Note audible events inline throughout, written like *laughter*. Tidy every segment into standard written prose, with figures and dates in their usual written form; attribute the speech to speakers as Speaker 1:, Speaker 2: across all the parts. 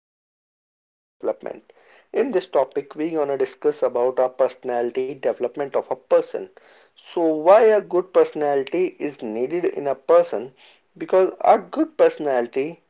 Speaker 1: is personality development. In this topic, we gonna discuss about our personality development of a person. So, why a good personality is needed in a person? Because a good personality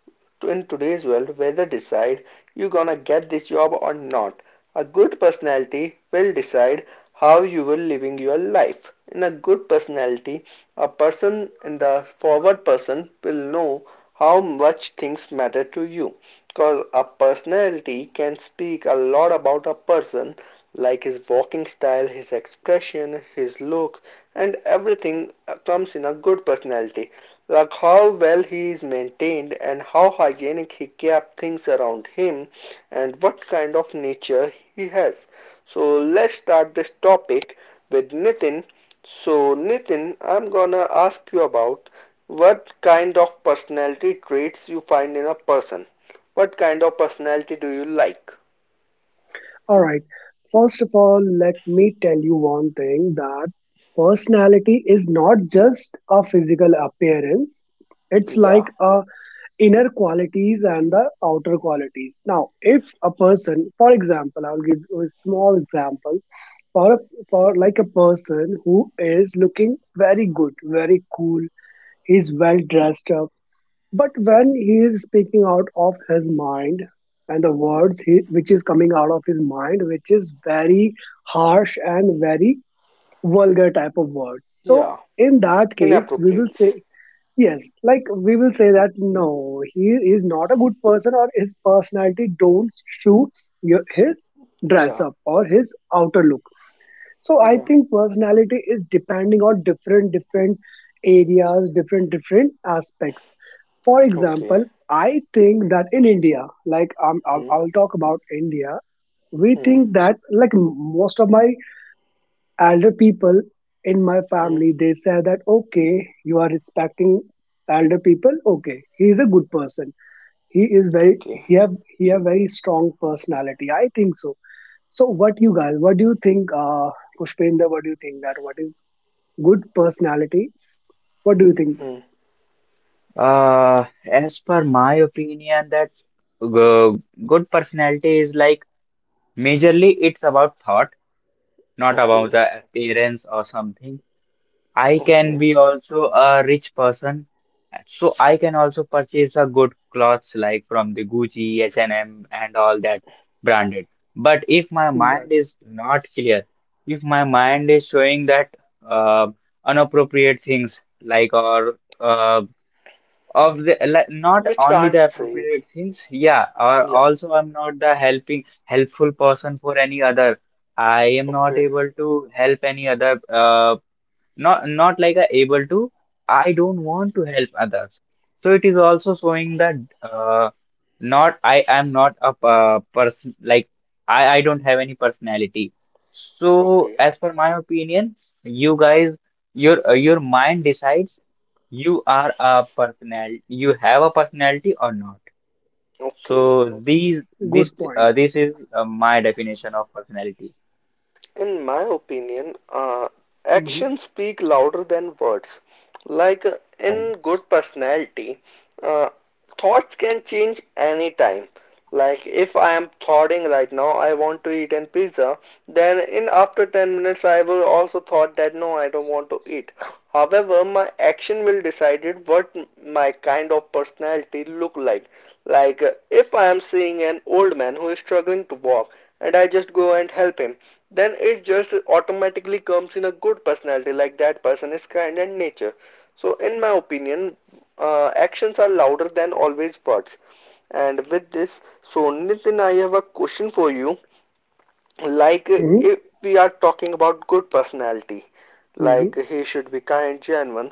Speaker 1: in today's world whether decide you gonna get this job or not. A good personality will decide how you will living your life. In a good personality, a person in the forward person will know how much things matter to you. Cause a personality can speak a lot about a person like his walking style, his expression, his look, and everything comes in a good personality. Like how well he is maintained, and how hygienic he kept things around him, and what kind of nature he has. So let's start this topic with Nitin. So Nitin, I'm gonna ask you about what kind of personality traits you find in a person. What kind of personality do you like?
Speaker 2: All right. First of all, let me tell you one thing that personality is not just a physical appearance. It's
Speaker 1: Yeah,
Speaker 2: like a inner qualities and the outer qualities. Now, if a person, for example, I'll give you a small example for a, for like a person who is looking very good, very cool, he's well dressed up, but when he is speaking out of his mind and the words which is coming out of his mind, which is very harsh and very vulgar type of words. So
Speaker 1: yeah.
Speaker 2: in that case, we will
Speaker 1: Inappropriates.
Speaker 2: say, yes, like we will say that no, he is not a good person or his personality don't suits his dress
Speaker 1: Yeah,
Speaker 2: up or his outer look. So I
Speaker 1: yeah.
Speaker 2: think personality is depending on different different areas, different different aspects. For
Speaker 1: Okay.
Speaker 2: example, I think that in India, I'll,
Speaker 1: Hmm,
Speaker 2: I'll talk about India. We
Speaker 1: hmm,
Speaker 2: think that like most of my elder people in my
Speaker 1: hmm.
Speaker 2: family, they say that, okay, you are respecting elder people. Okay, he is a good person. He is very
Speaker 1: Okay.
Speaker 2: he have very strong personality. I think what do you think, Pushpender? What do you think that what is good personality? What do you think
Speaker 1: Hmm.
Speaker 3: Uh, as per my opinion, that g- good personality is like majorly it's about thought, not about
Speaker 1: Okay.
Speaker 3: the appearance or something. I can
Speaker 1: Okay.
Speaker 3: be also a rich person, so I can also purchase a good clothes like from the Gucci, H&M, and M, and all that branded. But if my
Speaker 2: is that
Speaker 3: mind is not clear, if my mind is showing that uh, inappropriate things like, or of the, like, not
Speaker 1: Which
Speaker 3: only
Speaker 1: can't
Speaker 3: the
Speaker 1: save.
Speaker 3: appropriate things, yeah, or
Speaker 1: Yeah.
Speaker 3: also I'm not the helping helpful person for any other. I am not
Speaker 1: Okay,
Speaker 3: able to help any other, not like a, able to. I don't want to help others, so it is also showing that, uh, not, I am not a, person, like I don't have any personality. So
Speaker 1: okay,
Speaker 3: as per my opinion, you guys, your mind decides you are a personality, you have a personality or not. So
Speaker 1: okay.
Speaker 3: these this
Speaker 2: good
Speaker 3: uh,
Speaker 2: point?
Speaker 3: this is my definition of personality.
Speaker 1: In my opinion,
Speaker 2: Mm-hmm.
Speaker 1: actions speak louder than words. Like
Speaker 3: Correct.
Speaker 1: in good personality, uh, thoughts can change anytime. Like if I am thoughting right now, I want to eat an pizza, then in after 10 minutes I will also thought that no, I don't want to eat. However, my action will decided what my kind of personality look like. Like if I am seeing an old man who is struggling to walk and I just go and help him, then it just automatically comes in a good personality, like that person is kind and nature. So in my opinion, actions are louder than always words. And with this, so Nitin, I have a question for you. Like
Speaker 2: Mm-hmm.
Speaker 1: if we are talking about good personality, like
Speaker 2: Mm-hmm.
Speaker 1: he should be kind, genuine.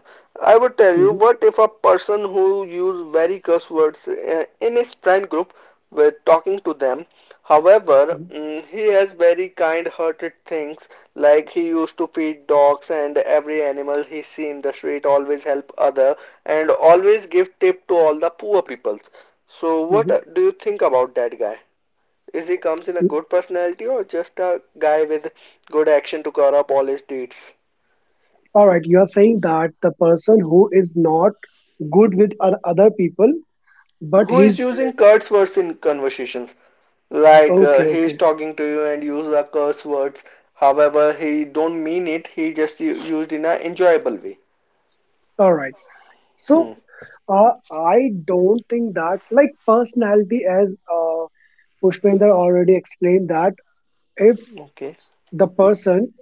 Speaker 1: I would tell you,
Speaker 2: Mm-hmm.
Speaker 1: what if a person who use very curse words in his friend group were talking to them, however
Speaker 2: Mm-hmm.
Speaker 1: he has very kind hearted things, like he used to feed dogs and every animal he see in the street, always help other, and always give tip to all the poor peoples. So what
Speaker 2: Mm-hmm.
Speaker 1: do you think about that guy? Is he comes in a
Speaker 2: Mm.
Speaker 1: good personality or just a guy with good action to cover up all his deeds?
Speaker 2: All right, you are saying that the person who is not good with other people, but
Speaker 1: Who is
Speaker 2: he's
Speaker 1: using curse words in conversations? Like
Speaker 2: okay,
Speaker 1: he is
Speaker 2: okay.
Speaker 1: talking to you and use the curse words. However, he don't mean it. He just used in a enjoyable way.
Speaker 2: All right.
Speaker 1: Hmm.
Speaker 2: So, I don't think that like personality as, Pushpender already explained, that if
Speaker 1: Okay.
Speaker 2: the person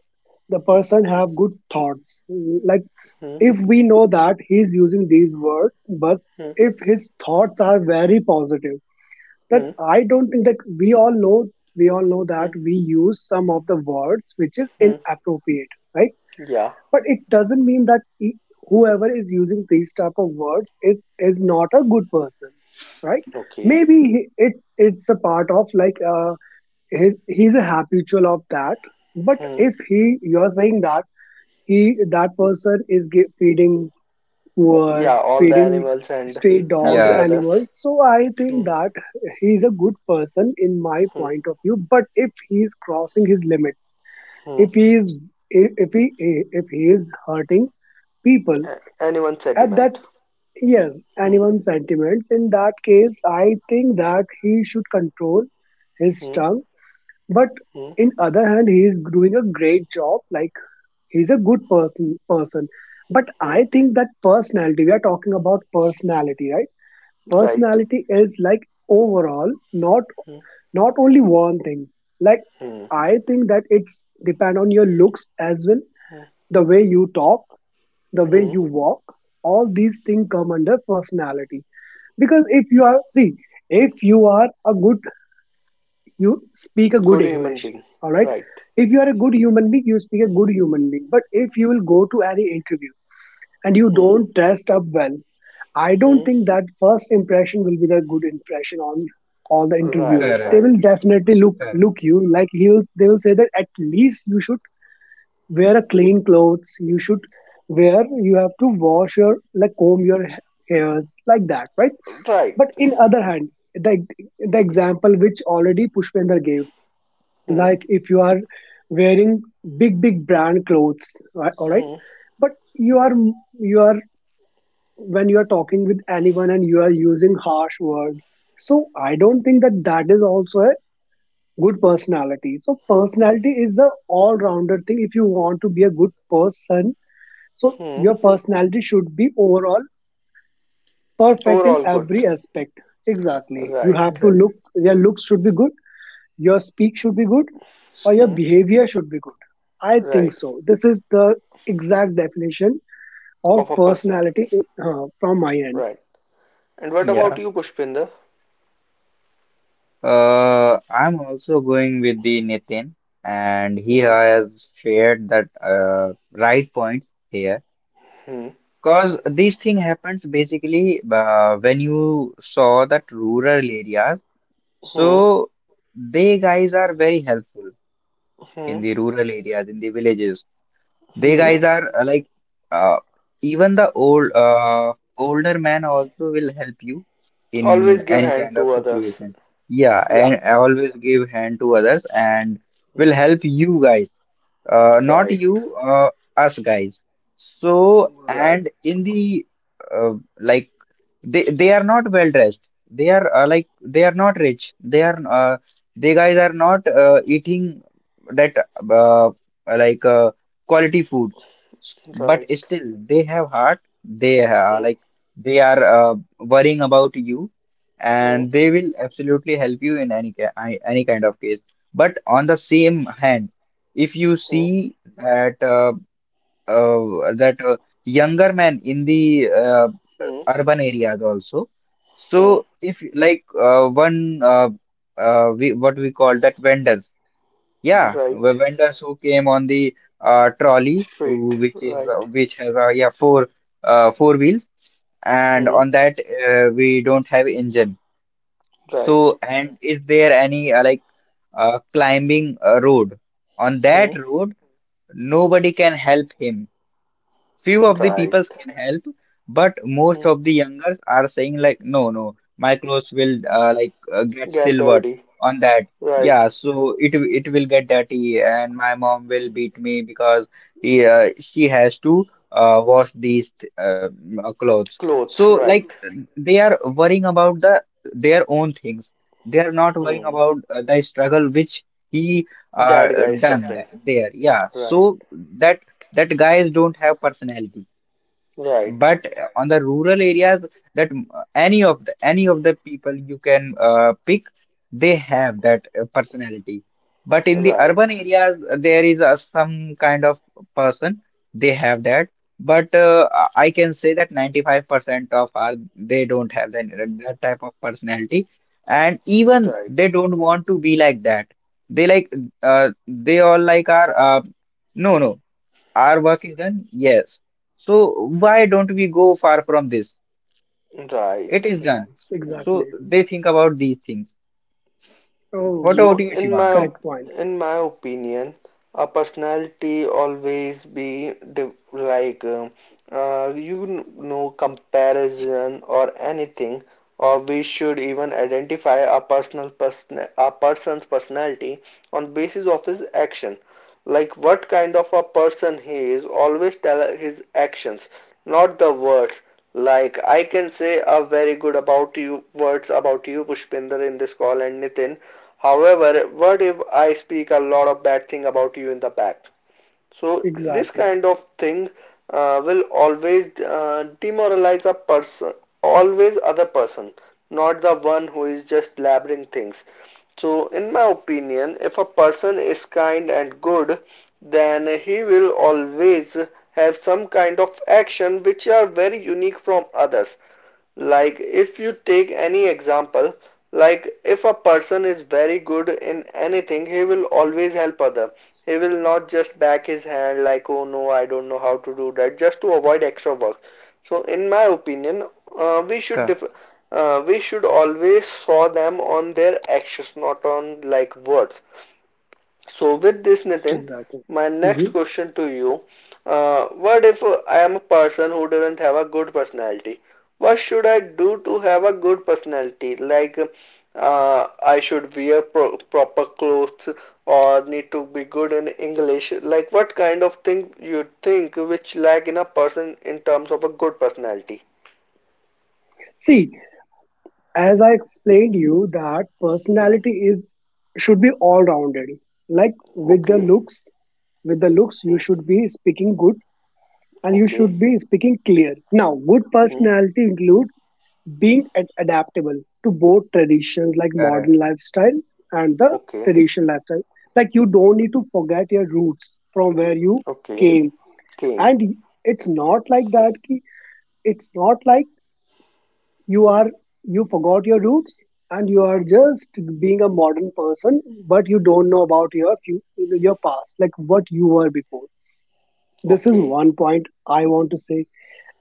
Speaker 2: the person have good thoughts, like
Speaker 1: Hmm.
Speaker 2: if we know that he's using these words but
Speaker 1: Hmm.
Speaker 2: if his thoughts are very positive, then
Speaker 1: Hmm.
Speaker 2: I don't think that— we all know that
Speaker 1: Hmm.
Speaker 2: we use some of the words which is
Speaker 1: Hmm.
Speaker 2: inappropriate, right?
Speaker 1: Yeah.
Speaker 2: But it doesn't mean that whoever is using these type of words it is not a good person, right?
Speaker 1: Okay.
Speaker 2: Maybe it's a part of, like, he, he's a habitual of that. But
Speaker 1: Hmm.
Speaker 2: if he you are saying that he that person is poor
Speaker 1: Yeah. All the
Speaker 2: feeding
Speaker 1: animals and
Speaker 2: stray dogs
Speaker 1: helping
Speaker 3: Yeah,
Speaker 1: others.
Speaker 2: animals, so I
Speaker 1: Hmm.
Speaker 2: think that he's a good person in my
Speaker 1: Hmm.
Speaker 2: point of view. But if he's crossing his limits,
Speaker 1: Hmm.
Speaker 2: if he is if he if he is hurting people
Speaker 1: Anyone's
Speaker 2: at that
Speaker 1: sentiment.
Speaker 2: yes,
Speaker 1: Hmm.
Speaker 2: anyone's sentiments, in that case I think that he should control his
Speaker 1: Hmm.
Speaker 2: tongue. But
Speaker 1: Hmm.
Speaker 2: in other hand, he is doing a great job. Like, he's a good person. But
Speaker 1: Hmm.
Speaker 2: I think that personality, we are talking about personality, right?
Speaker 1: Right.
Speaker 2: Personality is like overall, not
Speaker 1: Hmm,
Speaker 2: not only one thing. Like,
Speaker 1: hmm,
Speaker 2: I think that it's depend on your looks as well,
Speaker 1: hmm,
Speaker 2: the way you talk, the way
Speaker 1: hmm.
Speaker 2: you walk. All these things come under personality. Because if you are see, if you are a good you speak a good
Speaker 1: Good human
Speaker 2: English,
Speaker 1: being.
Speaker 2: all right?
Speaker 1: Right.
Speaker 2: If you are a good human being, you speak a good human being. But if you will go to any interview and you
Speaker 1: Hmm,
Speaker 2: don't dress up well, I don't
Speaker 1: hmm.
Speaker 2: think that first impression will be the good impression on all the interviewers.
Speaker 1: Right,
Speaker 2: They
Speaker 3: correct,
Speaker 1: right.
Speaker 2: will definitely look
Speaker 3: correct,
Speaker 2: look you, like he will. They will say that at least you should wear a clean clothes. You should wear. You have to wash your, like, comb your hairs, like that, right?
Speaker 1: Right.
Speaker 2: But in other hand, the the example which already Pushpender gave,
Speaker 1: Hmm,
Speaker 2: like if you are wearing big big brand clothes, right, all right,
Speaker 1: hmm,
Speaker 2: but you are you are when you are talking with anyone and you are using harsh word. So I don't think that that is also a good personality. So personality is the all rounder thing. If you want to be a good person, so
Speaker 1: hmm.
Speaker 2: your personality should be overall perfect in
Speaker 1: Overall good.
Speaker 2: every aspect. Exactly,
Speaker 1: Right.
Speaker 3: correct.
Speaker 2: your looks should be good, your speak should be good, or your
Speaker 1: Hmm,
Speaker 2: behavior should be good. I think
Speaker 1: right.
Speaker 2: so, this is the exact definition of
Speaker 1: Of a
Speaker 2: personality,
Speaker 1: personality.
Speaker 2: from my end.
Speaker 1: Right. And what
Speaker 3: Yeah.
Speaker 1: about you, Pushpinda?
Speaker 3: I'm also going with the Nitin, and he
Speaker 1: Hmm,
Speaker 3: has shared that right point here.
Speaker 1: hmm,
Speaker 3: Because this thing happens basically when you saw that rural areas.
Speaker 1: hmm,
Speaker 3: So they guys are very helpful
Speaker 1: hmm,
Speaker 3: in the rural areas, in the villages. They
Speaker 2: Mm-hmm.
Speaker 1: hmm.
Speaker 3: guys are, like, uh, even the older man also will help you in
Speaker 1: Always give
Speaker 3: any
Speaker 1: hand
Speaker 3: kind of
Speaker 1: to others.
Speaker 3: situation. Yeah,
Speaker 1: Yeah.
Speaker 3: and always give hand to others, and
Speaker 1: Hmm,
Speaker 3: will help you guys, not
Speaker 1: right.
Speaker 3: you, us guys. So,
Speaker 1: Right.
Speaker 3: and in the, uh, like, they are not well dressed, they are, like, they are not rich, they are they guys are not eating that, uh, like, quality foods, but
Speaker 1: Right.
Speaker 3: still they have heart, they,
Speaker 1: Hmm,
Speaker 3: like, they are, worrying about you,
Speaker 1: hmm,
Speaker 3: and they will absolutely help you in any any kind of case. But on the same hand, if you
Speaker 1: hmm,
Speaker 3: see that, that, younger man in the, uh,
Speaker 1: hmm,
Speaker 3: urban areas also.
Speaker 1: hmm.
Speaker 3: So, if you- like, one, uh, we what we call that, vendors, yeah, the
Speaker 1: Right.
Speaker 3: vendors who came on the, trolley, who,
Speaker 1: Straight.
Speaker 3: which is,
Speaker 1: Right.
Speaker 3: which has, yeah, four wheels, and
Speaker 1: Hmm,
Speaker 3: on that, we don't have engine.
Speaker 1: right,
Speaker 3: So, and is there any, like, climbing, road? On
Speaker 1: hmm,
Speaker 3: that road, nobody can help him. Few of the
Speaker 1: right,
Speaker 3: people can help, but most
Speaker 1: hmm,
Speaker 3: of the youngers are saying like, no, no, my clothes will, like, get
Speaker 1: get
Speaker 3: silvered
Speaker 1: dirty,
Speaker 3: on that.
Speaker 1: right,
Speaker 3: Yeah, so it will get dirty, and my mom will beat me because she has to, wash these clothes. So,
Speaker 1: clothes,
Speaker 3: like
Speaker 1: right,
Speaker 3: they are worrying about their own things. They are not worrying
Speaker 1: hmm,
Speaker 3: about, the struggle which he, uh,
Speaker 1: that guy is
Speaker 3: done
Speaker 1: suffering,
Speaker 3: there. Yeah,
Speaker 1: right,
Speaker 3: so that that guys don't have personality.
Speaker 1: right,
Speaker 3: But on the rural areas, that, any of the people you can, pick, they have that, personality. But in the
Speaker 1: right,
Speaker 3: urban areas, there is, some kind of person, they have that. But I can say that 95% of our, they don't have that, that type of personality, and even
Speaker 1: right,
Speaker 3: they don't want to be like that. They like, they all like are, no, no, our work is done? Yes. So why don't we go far from this? It
Speaker 1: right.
Speaker 3: is done. So
Speaker 2: Exactly.
Speaker 3: they think about these things.
Speaker 2: Oh,
Speaker 3: What
Speaker 1: So
Speaker 3: about you, Shivanka?
Speaker 2: correct point.
Speaker 1: in my opinion, a personality always be like know comparison or anything, or we should even identify a person's personality on basis of his action. Like what kind of a person he is, always tell his actions, not the words. Like I can say a very good about you words about you, Pushpinder, in this call and Nitin. However, what if I speak a lot of bad thing about you in the back? So this
Speaker 2: Exactly.
Speaker 1: kind of thing will always demoralize a person, always other person, not the one who is just blabbering things. So in my opinion, if a person is kind and good, then he will always have some kind of action which are very unique from others. Like if you take any example, like if a person is very good in anything, he will always help other. He will not just back his hand like, oh no, I don't know how to do that, just to avoid extra work. So, in my opinion, we should def we should always saw them on their actions, not on like words. So with this, Nitin,
Speaker 2: Exactly.
Speaker 1: my next
Speaker 2: Mm-hmm.
Speaker 1: question to you: what if I am a person who doesn't have a good personality? What should I do to have a good personality? Like, I should wear proper clothes or need to be good in English. Like, what kind of thing you think which lack in a person in terms of a good personality?
Speaker 2: See, as I explained you that
Speaker 1: Hmm.
Speaker 2: personality is should be all rounded. Like, with the
Speaker 1: Okay.
Speaker 2: looks, you
Speaker 1: Hmm.
Speaker 2: should be speaking good and you
Speaker 1: Okay.
Speaker 2: should be speaking clear. Now, good
Speaker 1: Hmm.
Speaker 2: personality include being adaptable to both traditions, like modern
Speaker 3: Correct.
Speaker 2: lifestyle and the
Speaker 1: Okay.
Speaker 2: traditional lifestyle, like you don't need to forget your roots from where you
Speaker 1: Okay.
Speaker 2: came.
Speaker 1: Came.
Speaker 2: And it's not like that ki, it's not like— you are you forgot your roots and you are just being a modern person but you don't know about your your past, like what you were before. This is
Speaker 1: Okay.
Speaker 2: one point I want to say.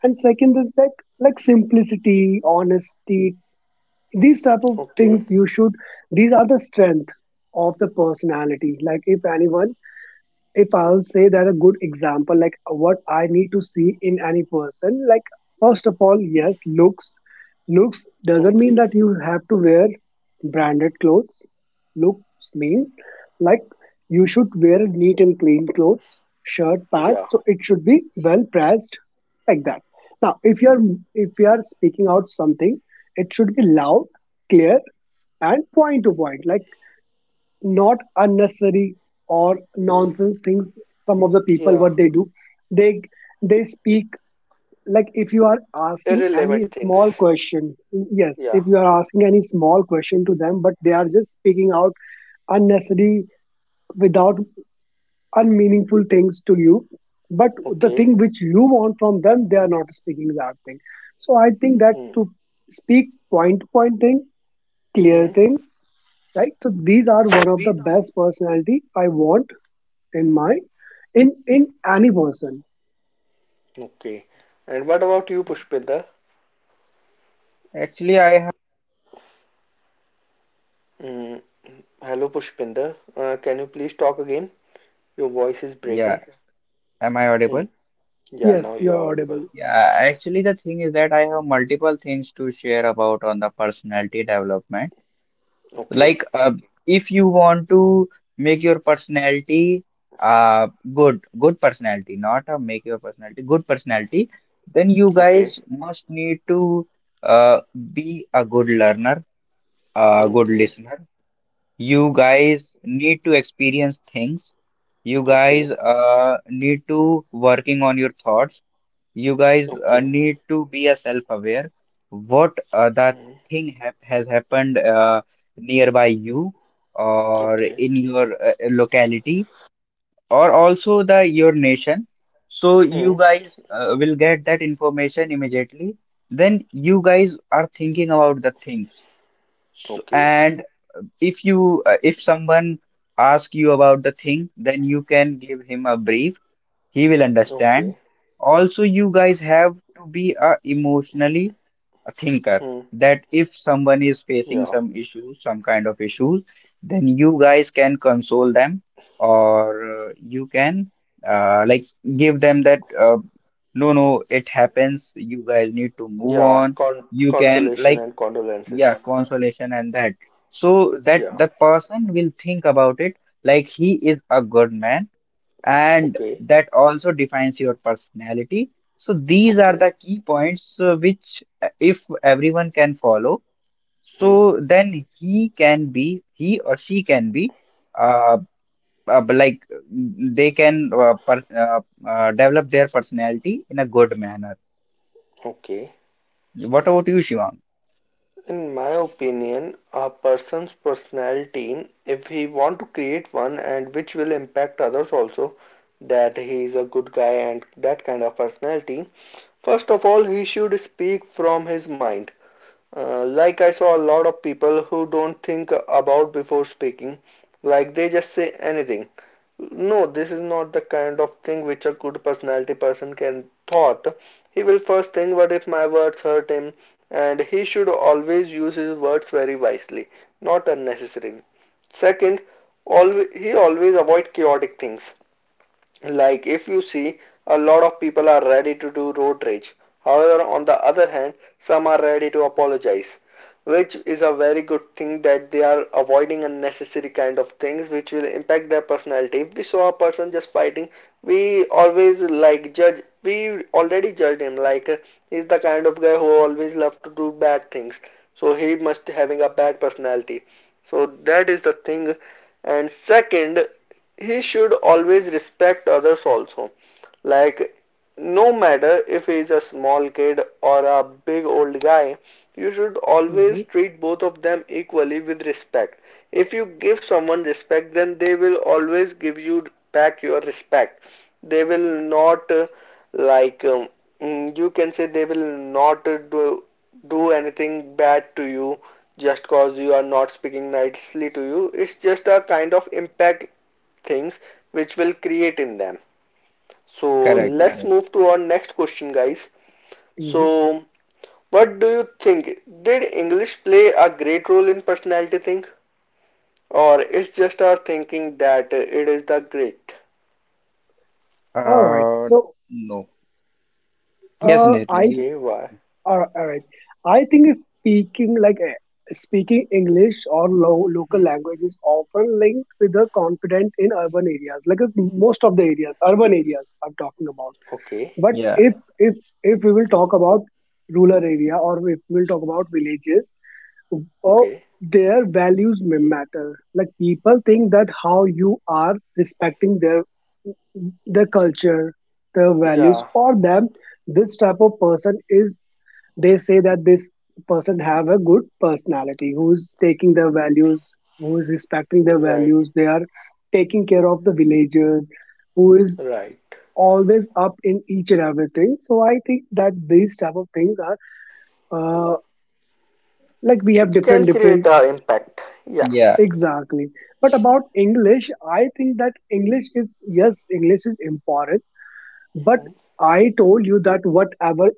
Speaker 2: And second is that, like, simplicity, honesty, these type of
Speaker 1: Okay.
Speaker 2: things— you should these are the strength of the personality. Like, if I'll say that a good example, like what I need to see in any person, like first of all, yes, looks. Looks doesn't mean
Speaker 1: Okay.
Speaker 2: that you have to wear branded clothes. Looks means, like, you should wear neat and clean clothes, shirt, pants.
Speaker 1: Yeah.
Speaker 2: So it should be well pressed, like that. Now, if you're if you are speaking out something, it should be loud, clear, and point to point. Like, not unnecessary or nonsense things. Some of the people,
Speaker 1: Yeah.
Speaker 2: what they do, they they speak, like if you are asking any
Speaker 1: Irrelevant
Speaker 2: small
Speaker 1: things.
Speaker 2: question, yes,
Speaker 1: Yeah.
Speaker 2: if you are asking any small question to them, but they are just speaking out unnecessary, without unmeaningful things to you, but the
Speaker 1: Okay.
Speaker 2: thing which you want from them they are not speaking that thing. So I think that to speak point to point thing, clear
Speaker 1: Mm-hmm.
Speaker 2: thing, right? So these are one of the best personality I want in my in any person.
Speaker 1: Okay. And what about you, Pushpinder?
Speaker 3: Actually, I have.
Speaker 1: Mm. Hello, Pushpinder. Can you please talk again? Your voice is breaking.
Speaker 3: Yeah. Am I audible?
Speaker 1: Hmm. Yeah, now
Speaker 2: Yes,
Speaker 1: you're
Speaker 2: you're
Speaker 1: audible.
Speaker 2: audible.
Speaker 3: Yeah. Actually, the thing is that I have multiple things to share about on the personality development.
Speaker 1: Okay.
Speaker 3: Like, if you want to make your personality, uh good, good personality, not, make your personality good personality, then you guys
Speaker 1: Okay.
Speaker 3: must need to, uh be a good learner, a good
Speaker 1: Okay.
Speaker 3: listener. You guys need to experience things. You guys
Speaker 1: Okay.
Speaker 3: need to working on your thoughts. You guys,
Speaker 1: Okay.
Speaker 3: need to be a self-aware, what, that
Speaker 1: Hmm.
Speaker 3: thing hap has happened, nearby you, or
Speaker 1: Okay.
Speaker 3: in your, locality, or also the your nation. So you
Speaker 1: Hmm.
Speaker 3: guys, will get that information immediately, then you guys are thinking about the things. So,
Speaker 1: Okay.
Speaker 3: and if someone ask you about the thing, then you can give him a brief, he will understand.
Speaker 1: Okay.
Speaker 3: Also, you guys have to be a emotionally a thinker,
Speaker 1: Hmm.
Speaker 3: that if someone is facing
Speaker 1: Yeah.
Speaker 3: some issues, some kind of issues, then you guys can console them, or, you can, like, give them that, no, no, it happens. You guys need to move
Speaker 1: Yeah.
Speaker 3: on. You can,
Speaker 1: Consolation
Speaker 3: like,
Speaker 1: and condolences.
Speaker 3: yeah, consolation, and that. So that
Speaker 1: Yeah.
Speaker 3: the person will think about it, like he is a good man, and
Speaker 1: Okay.
Speaker 3: that also defines your personality. So these are
Speaker 1: Okay.
Speaker 3: the key points, which, if everyone can follow,
Speaker 1: Hmm.
Speaker 3: so then he or she can be, uh, like, they can, develop their personality in a good manner.
Speaker 1: Okay.
Speaker 3: What about you, Shivang?
Speaker 1: In my opinion, a person's personality, if he want to create one and which will impact others also, that he is a good guy and that kind of personality, first of all, he should speak from his mind. Like I saw a lot of people who don't think about before speaking, like they just say anything. No, this is not the kind of thing which a good personality person can thought. He will first think what if my words hurt him and he should always use his words very wisely, not unnecessarily. Second, always, he always avoid chaotic things. Like if you see, a lot of people are ready to do road rage. However, on the other hand, some are ready to apologize, which is a very good thing that they are avoiding unnecessary kind of things which will impact their personality. If we saw a person just fighting, we always like judge. We already judged him like he's the kind of guy who always love to do bad things. So he must having a bad personality. So that is the thing. And second, he should always respect others also, like no matter if he is a small kid or a big old guy, you should
Speaker 2: Hmm.
Speaker 1: always treat both of them equally with respect. If you give someone respect, then they will always give you back your respect. They will not like you can say they will not do anything bad to you, just cause you are not speaking nicely to you. It's just a kind of impact things which will create in them. So
Speaker 3: Correct,
Speaker 1: let's
Speaker 2: Exactly.
Speaker 3: correct.
Speaker 1: move to our next question, guys.
Speaker 2: Mhm.
Speaker 1: So what do you think? Did English play a great role in personality thing, or it's just our thinking that it is the great?
Speaker 2: All right.
Speaker 3: Uh,
Speaker 2: So,
Speaker 3: no. Yes,
Speaker 2: uh,
Speaker 3: Nathan,
Speaker 2: I
Speaker 3: you.
Speaker 1: Okay, why?
Speaker 2: All right, all right. I think— speaking English or local
Speaker 1: Hmm.
Speaker 2: language is often linked with the confident in urban areas. Like, it's most of the areas, urban areas, I'm talking about.
Speaker 1: Okay,
Speaker 2: But
Speaker 3: Yeah,
Speaker 2: if if we will talk about rural area, or if we will talk about villages. Oh,
Speaker 1: okay.
Speaker 2: their values may matter. Like, people think that how you are respecting the culture, the values
Speaker 1: Yeah,
Speaker 2: for them, this type of person— is they say that this person have a good personality, who's taking their values, who is respecting their
Speaker 1: right,
Speaker 2: values, they are taking care of the villagers, who is
Speaker 1: right.
Speaker 2: always up in each and everything. So I think that these type of things are, like, we have different
Speaker 1: Can create
Speaker 2: different—
Speaker 1: a impact. Yeah.
Speaker 3: yeah,
Speaker 2: Exactly. But about English, I think that English is— yes, English is important. But
Speaker 1: Hmm,
Speaker 2: I told you that whatever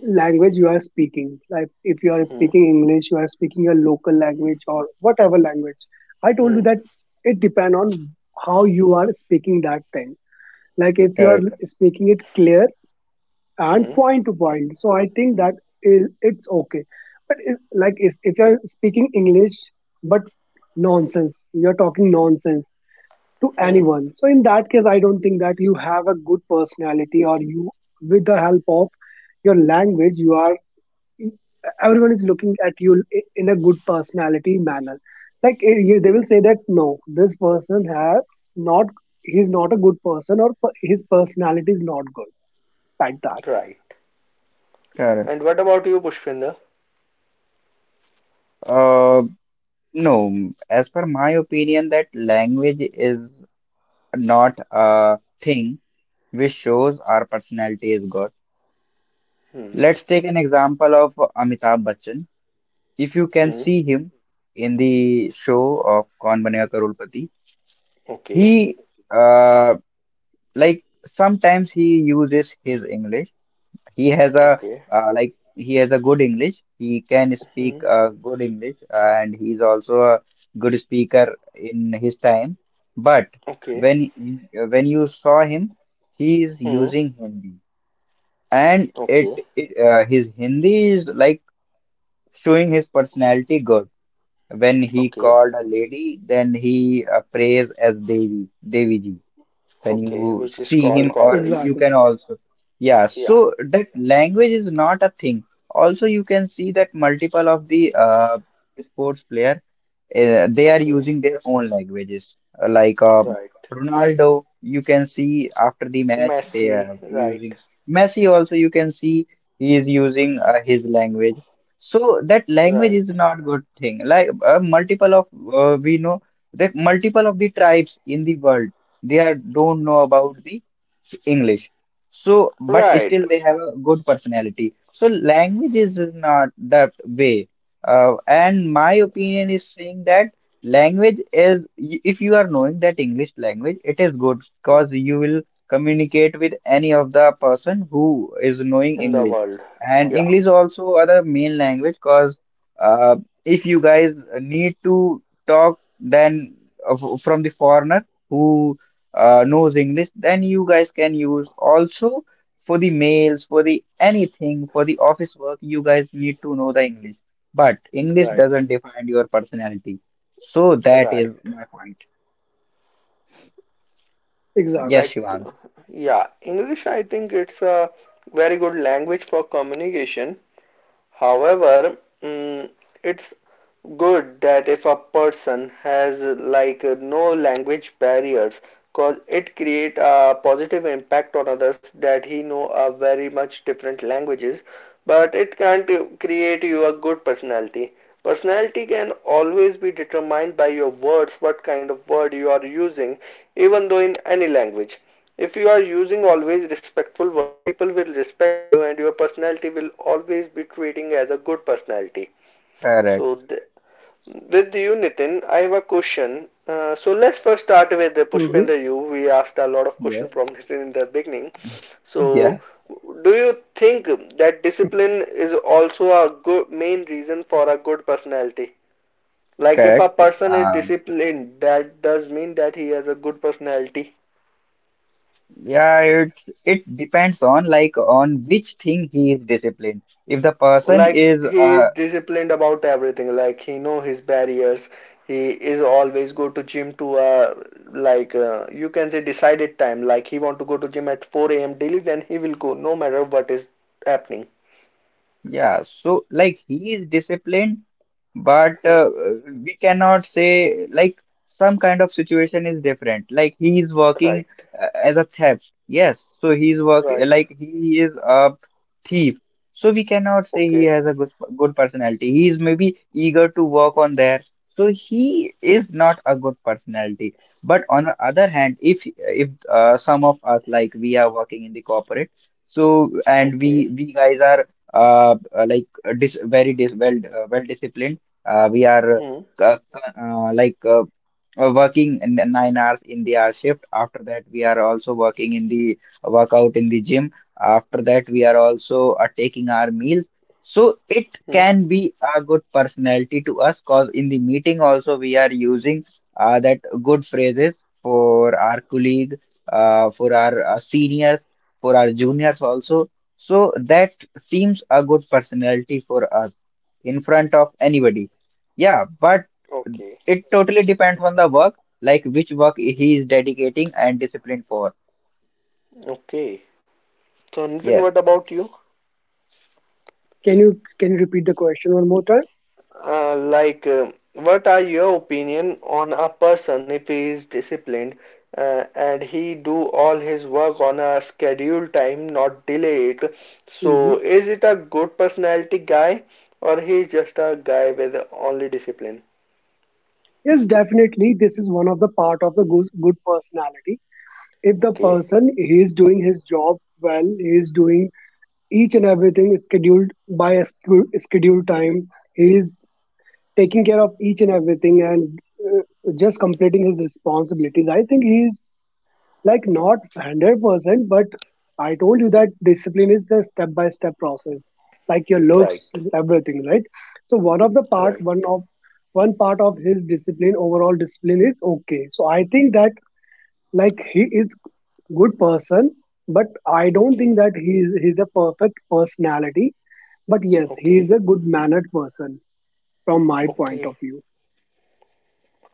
Speaker 2: language you are speaking, like if you are
Speaker 1: hmm,
Speaker 2: speaking English, you are speaking your local language or whatever language, I told you
Speaker 1: hmm,
Speaker 2: that it depend on how you are speaking that thing. Like, if you are
Speaker 3: correct,
Speaker 2: speaking it clear and
Speaker 1: hmm,
Speaker 2: point to point, so I think that is— it's okay. But it, like is if you're speaking English but nonsense, you're talking nonsense to
Speaker 1: hmm,
Speaker 2: anyone. So in that case, I don't think that you have a good personality, or you, with the help of your language, you are— everyone is looking at you in a good personality manner. Like, they will say that, no, this person have not— he's not a good person, or his personality is not good. Like that,
Speaker 1: right.
Speaker 3: correct.
Speaker 1: And what about you, Pushpinder?
Speaker 3: Uh, No, as per my opinion, that language is not a thing which shows our personality is good.
Speaker 1: Hmm.
Speaker 3: Let's take an example of Amitabh Bachchan. If you can
Speaker 1: Hmm.
Speaker 3: see him in the show of Kaun Banega Crorepati, he,
Speaker 1: Okay.
Speaker 3: uh, like, sometimes he uses his English. He has a
Speaker 1: Okay.
Speaker 3: Like, he has a good English. He can speak,
Speaker 1: Hmm.
Speaker 3: good English, and he's also a good speaker in his time. But
Speaker 1: Okay.
Speaker 3: when when you saw him, he is
Speaker 1: Hmm.
Speaker 3: using Hindi, and
Speaker 1: Okay.
Speaker 3: it his Hindi is like showing his personality good. When he
Speaker 1: Okay.
Speaker 3: called a lady, then he, praised as Devi, Devi. When
Speaker 1: Okay.
Speaker 3: you
Speaker 1: Which is
Speaker 3: see
Speaker 1: called
Speaker 3: him, or
Speaker 1: goddess.
Speaker 3: you can
Speaker 2: exactly.
Speaker 3: also, yeah,
Speaker 1: Yeah.
Speaker 3: so that language is not a thing. Also, you can see that multiple of the, sports player, they are
Speaker 1: Okay.
Speaker 3: using their own languages. Like,
Speaker 1: Right.
Speaker 3: Ronaldo, you can see after the match they
Speaker 1: Messy.
Speaker 3: are
Speaker 1: Right.
Speaker 3: using. Messi, also. You can see he is using, his language. So that language
Speaker 1: Right.
Speaker 3: is not good thing. Like, multiple of we know that multiple of the tribes in the world, they are don't know about the English. So, but
Speaker 1: Right.
Speaker 3: still they have a good personality. So language is not that way. And my opinion is saying that language is, if you are knowing that English language, it is good because you will communicate with any of the person who is knowing
Speaker 1: In the
Speaker 3: English.
Speaker 1: world.
Speaker 3: And
Speaker 1: Yeah.
Speaker 3: English also are the main language because, uh, if you guys need to talk, then, from the foreigner who, knows English, then you guys can use also for the mails, for the anything, for the office work, you guys need to know the English. But English
Speaker 1: Right.
Speaker 3: doesn't define your personality. So that
Speaker 1: Right.
Speaker 3: is my point.
Speaker 2: Exactly.
Speaker 3: Yes,
Speaker 1: Like,
Speaker 3: Shivana.
Speaker 1: yeah. English, I think it's a very good language for communication. However, it's good that if a person has like no language barriers, cause it create a positive impact on others that he know a very much different languages, but it can't create you a good personality. Personality can always be determined by your words, what kind of word you are using, even though in any language. If you are using always respectful word, people will respect you and your personality will always be treating as a good personality. So
Speaker 3: Correct.
Speaker 1: with you Nitin, I have a question. So let's first start with the
Speaker 2: Hmm.
Speaker 1: Pushpender you. We asked a lot of
Speaker 3: Yeah,
Speaker 1: question from *laughs* Nitin in the beginning. So
Speaker 3: yeah,
Speaker 1: do you think that discipline is also a good main reason for a good personality? Like if a
Speaker 3: correct.
Speaker 1: person is disciplined, that does mean that he has a good personality.
Speaker 3: Yeah, it depends on, like, on which thing he is disciplined. If the person
Speaker 1: Like
Speaker 3: is,
Speaker 1: he is disciplined about everything, like he know his barriers. He is always go to gym to like you can say decided time, like he want to go to gym at 4 a.m daily, then he will go no matter what is happening.
Speaker 3: yeah, so like he is disciplined, but,
Speaker 1: Hmm.
Speaker 3: we cannot say like some kind of situation is different. Like he is working,
Speaker 1: Right.
Speaker 3: as a theft. Yes, so he's work
Speaker 1: Right.
Speaker 3: like he is a thief. So we cannot say he
Speaker 1: Okay.
Speaker 3: has a good personality. He is maybe eager to work on there. So he is not a good personality. But on the other hand, if some of us like we are working in the corporate, so and
Speaker 1: Okay.
Speaker 3: we guys are, like, dis very dis well disciplined. We are,
Speaker 1: Hmm.
Speaker 3: like, working in the 9 hours in the hour shift. After that, we are also working in the workout in the gym. After that, we are also, taking our meals. So it
Speaker 1: Hmm.
Speaker 3: can be a good personality to us because in the meeting also we are using, that good phrases for our colleague, for our, seniors, for our juniors also. So that seems a good personality for us in front of anybody. Yeah, but
Speaker 1: Okay.
Speaker 3: it totally depends on the work, like which work he is dedicating and disciplined for.
Speaker 1: Okay, so Nitin,
Speaker 3: Yes.
Speaker 1: what about you?
Speaker 2: Can you repeat the question one more time?
Speaker 1: Like, what are your opinion on a person if he is disciplined and he do all his work on a scheduled time, not delay it?
Speaker 2: Hmm.
Speaker 1: So, is it a good personality guy or he is just a guy with only discipline?
Speaker 2: Yes, definitely. This is one of the part of the good personality. If the
Speaker 1: Okay,
Speaker 2: person he is doing his job well, he is doing each and everything scheduled by a scheduled time. He is taking care of each and everything and, uh, just completing his responsibilities. I think he is. Like, not 100%, but I told you that discipline is the step by step process, like your looks,
Speaker 1: right,
Speaker 2: everything, right? So one of the part,
Speaker 1: right.
Speaker 2: one of one part of his discipline, overall discipline, is okay. So I think that, like, he is good person, but I don't think
Speaker 1: Okay,
Speaker 2: that he's a perfect personality. But yes, he is
Speaker 1: okay,
Speaker 2: a good mannered person from my point
Speaker 1: okay.
Speaker 2: of view.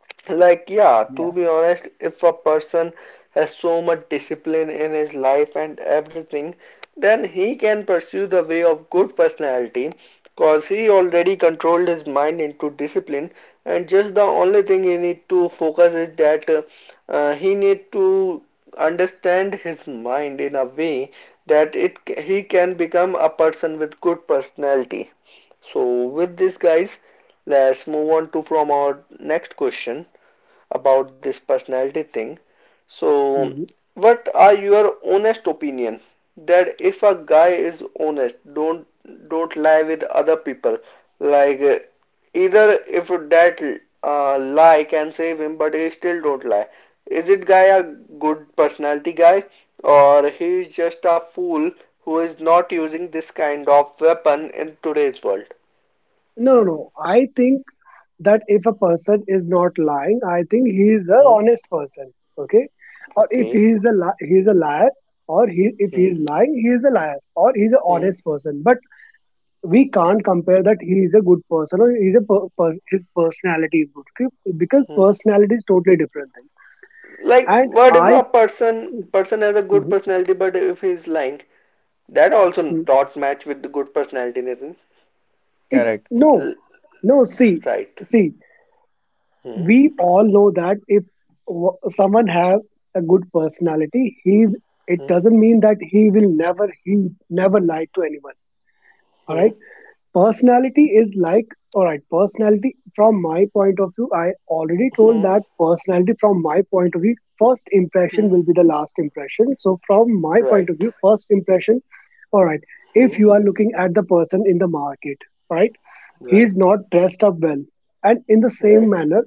Speaker 3: Mm.
Speaker 1: Like, yeah,
Speaker 3: Yeah,
Speaker 1: to be honest, if a person has so much discipline in his life and everything, then he can pursue the way of good personality because he already controlled his mind into discipline and just the only thing he need to focus is that he need to understand his mind in a way that it he can become a person with good personality. So with this guys, let's move on to from our next question about this personality thing. So,
Speaker 2: Mhm.
Speaker 1: what are your honest opinion that if a guy is honest, don't lie with other people. Like either if that lie can save him, but he still don't lie. Is it guy a good personality guy or he is just a fool who is not using this kind of weapon in today's world?
Speaker 2: No, no, no. I think that if a person is not lying, I think he is a
Speaker 1: Hmm.
Speaker 2: honest person. Okay, or if
Speaker 1: Okay.
Speaker 2: he is a he is a liar, or he if he
Speaker 1: Hmm.
Speaker 2: is lying, he is a liar, or he is an
Speaker 1: Hmm.
Speaker 2: honest person. But we can't compare that he is a good person or he is a his personality is good, okay? Because
Speaker 1: Hmm.
Speaker 2: personality is totally different thing.
Speaker 1: Like,
Speaker 2: And
Speaker 1: what if a
Speaker 2: I,
Speaker 1: person has a good
Speaker 2: Mhm,
Speaker 1: personality, but if he's lying, that also
Speaker 2: mhm.
Speaker 1: not match with the good personality, Nathan.
Speaker 3: correct.
Speaker 2: No,
Speaker 1: L-
Speaker 2: no, see,
Speaker 1: right.
Speaker 2: see.
Speaker 1: Hmm.
Speaker 2: We all know that if someone have a good personality, he it
Speaker 1: Hmm.
Speaker 2: doesn't mean that he never lie to anyone, all
Speaker 1: Hmm.
Speaker 2: right? Personality is like— all right, personality from my point of view, I already told
Speaker 1: Hmm.
Speaker 2: that personality from my point of view, first
Speaker 1: Hmm.
Speaker 2: impression will be the last impression. So from my point of
Speaker 1: Right.
Speaker 2: view, first impression all right
Speaker 1: Hmm.
Speaker 2: if you are looking at the person in the market, right? He is
Speaker 1: Right.
Speaker 2: not dressed up well. And in the same
Speaker 1: Right.
Speaker 2: manner,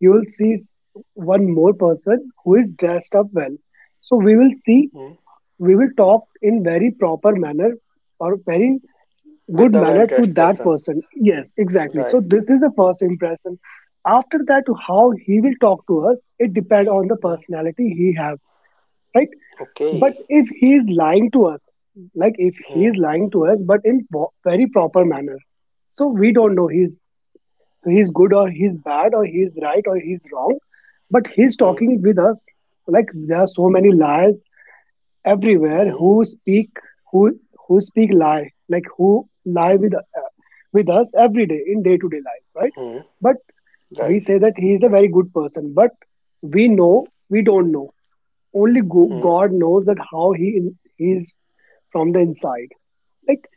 Speaker 2: you will see one more person who is dressed up well. So we will see—
Speaker 1: Hmm.
Speaker 2: we will talk in very proper manner, or very
Speaker 1: With
Speaker 2: good
Speaker 1: the
Speaker 2: manner, to
Speaker 1: well-dressed
Speaker 2: that
Speaker 1: person.
Speaker 2: person. Yes, exactly. So
Speaker 1: Right.
Speaker 2: this is the first impression. After that, how he will talk to us, it depends on the
Speaker 1: Hmm.
Speaker 2: personality he have, right? But
Speaker 1: Okay.
Speaker 2: if he is lying to us, like if he
Speaker 1: Hmm.
Speaker 2: is lying to us but in very proper manner, so we don't know— he's good or he's bad or he's right or he's wrong, but he's
Speaker 1: Hmm.
Speaker 2: talking with us, like there are so many lies everywhere,
Speaker 1: Hmm.
Speaker 2: who who speak lie like who lie with, with us every day in day to day life, right?
Speaker 1: Hmm.
Speaker 2: But we
Speaker 1: Right.
Speaker 2: say that he is a very good person but— we don't know, only
Speaker 1: Hmm.
Speaker 2: God knows that how he is from the inside. Like,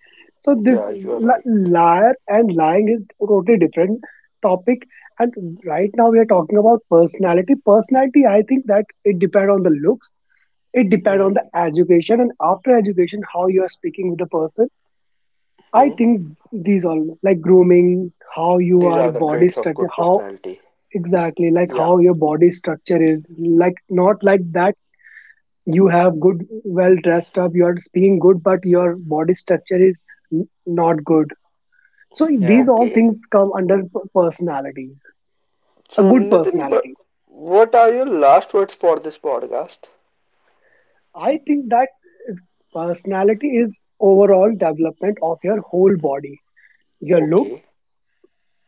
Speaker 2: so this
Speaker 1: Yeah, you are right.
Speaker 2: liar and lying is totally different topic. And right now we are talking about personality. Personality, I think that it depends on the looks, it depends
Speaker 1: Hmm.
Speaker 2: on the education, and after education how you are speaking with the person. I
Speaker 1: Hmm.
Speaker 2: think these all, like, grooming, how you
Speaker 1: These
Speaker 2: are
Speaker 1: are the
Speaker 2: body
Speaker 1: traits of
Speaker 2: structure
Speaker 1: good
Speaker 2: how
Speaker 1: personality.
Speaker 2: exactly, like
Speaker 1: Yeah.
Speaker 2: how your body structure is, like, not like that you have good, well dressed up, you are speaking good but your body structure is n- not good. So these
Speaker 3: Yeah,
Speaker 2: all
Speaker 1: Okay.
Speaker 2: things come under personalities, a
Speaker 1: So,
Speaker 2: good
Speaker 1: Nitin,
Speaker 2: personality
Speaker 1: what are your last words for this podcast?
Speaker 2: I think that personality is overall development of your whole body, your looks.
Speaker 1: Okay.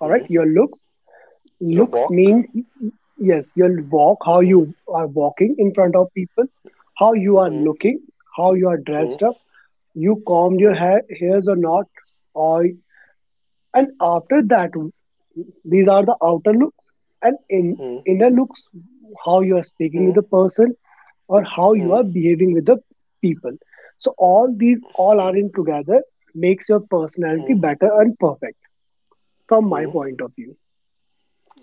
Speaker 2: All right,
Speaker 1: Hmm.
Speaker 2: your looks.
Speaker 1: Your
Speaker 2: Looks means,
Speaker 1: walk.
Speaker 2: yes, your walk, how you
Speaker 1: Hmm.
Speaker 2: are walking in front of people, how you are
Speaker 1: Hmm.
Speaker 2: looking, how you are dressed
Speaker 1: Hmm.
Speaker 2: up, you combed your
Speaker 1: Hmm.
Speaker 2: hairs or not, or— and after that, these are the outer looks. And in
Speaker 1: Hmm.
Speaker 2: inner looks, how you are speaking
Speaker 1: Hmm.
Speaker 2: with the person or how you
Speaker 1: Hmm.
Speaker 2: are behaving with the people. So all these all are in together makes your personality
Speaker 1: Hmm.
Speaker 2: better and perfect from my
Speaker 1: Hmm.
Speaker 2: point of view.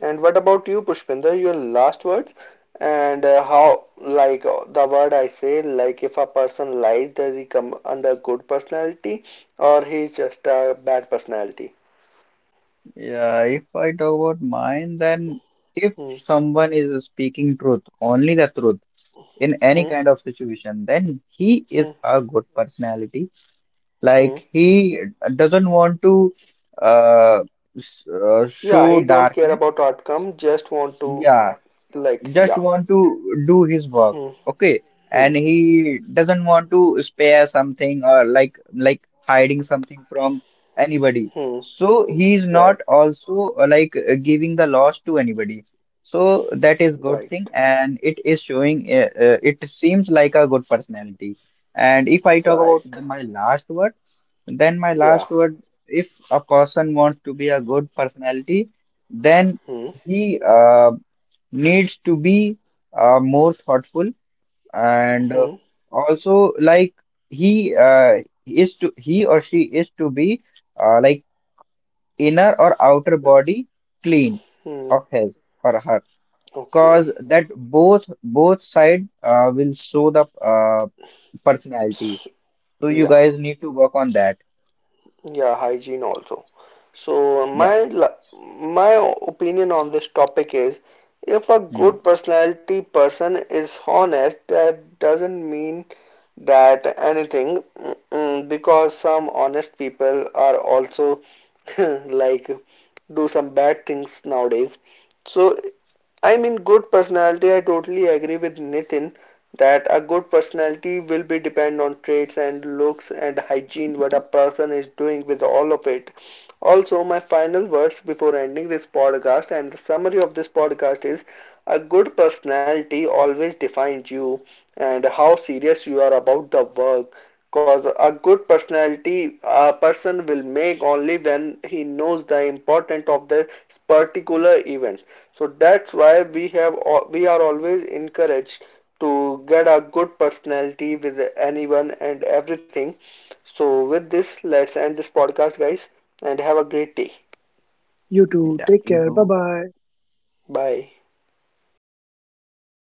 Speaker 1: And what about you, Pushpinder? Your last words? And how, like the word I say, like if a person lies, does he come under good personality or he's just a bad personality?
Speaker 3: yeah. If I talk about mine, then if
Speaker 1: Hmm.
Speaker 3: someone is speaking truth, only the truth, in any
Speaker 1: Hmm.
Speaker 3: kind of situation, then he is
Speaker 1: Hmm.
Speaker 3: a good personality. Like
Speaker 1: Hmm.
Speaker 3: he doesn't want to, uh,
Speaker 1: Yeah,
Speaker 3: show
Speaker 1: he don't care
Speaker 3: darkness.
Speaker 1: about outcome, just want to,
Speaker 3: Yeah,
Speaker 1: like,
Speaker 3: just
Speaker 1: yeah.
Speaker 3: want to do his work,
Speaker 1: Hmm.
Speaker 3: okay,
Speaker 1: Hmm.
Speaker 3: and he doesn't want to spare something, or like hiding something from anybody,
Speaker 1: Hmm.
Speaker 3: so he is not
Speaker 1: Right.
Speaker 3: also, like, giving the loss to anybody, so that is good
Speaker 1: Right.
Speaker 3: thing, and it is showing, it seems like a good personality. And if I talk about
Speaker 1: Right.
Speaker 3: my last word, then my
Speaker 1: Yeah.
Speaker 3: last word, if a person wants to be a good personality, then
Speaker 1: Hmm.
Speaker 3: he, needs to be, more thoughtful, and,
Speaker 1: Hmm.
Speaker 3: also like he, is to he or she is to be, like, inner or outer body clean
Speaker 1: Hmm.
Speaker 3: of his or her,
Speaker 1: Okay.
Speaker 3: cause that both side, will show the, personality,
Speaker 1: S
Speaker 3: so you
Speaker 1: yeah.
Speaker 3: guys need to work on that.
Speaker 1: Yeah. Hygiene also. So
Speaker 3: Yeah.
Speaker 1: my la- my opinion on this topic is, if a good
Speaker 3: Hmm.
Speaker 1: personality person is honest, that doesn't mean that anything, because some honest people are also *laughs* like do some bad things nowadays. So I mean, good personality, I totally agree with Nitin that a good personality will be depend on traits and looks and hygiene, what a person is doing with all of it. Also, my final words before ending this podcast and the summary of this podcast is a good personality always defines you and how serious you are about the work. Because a good personality a person will make only when he knows the importance of the particular event, so that's why we are always encouraged to get a good personality with anyone and everything. So with this, let's end this podcast, guys, and have a great day.
Speaker 2: You too,
Speaker 3: Yeah,
Speaker 2: take
Speaker 3: you
Speaker 2: care, bye
Speaker 3: do.
Speaker 2: bye.
Speaker 1: Bye.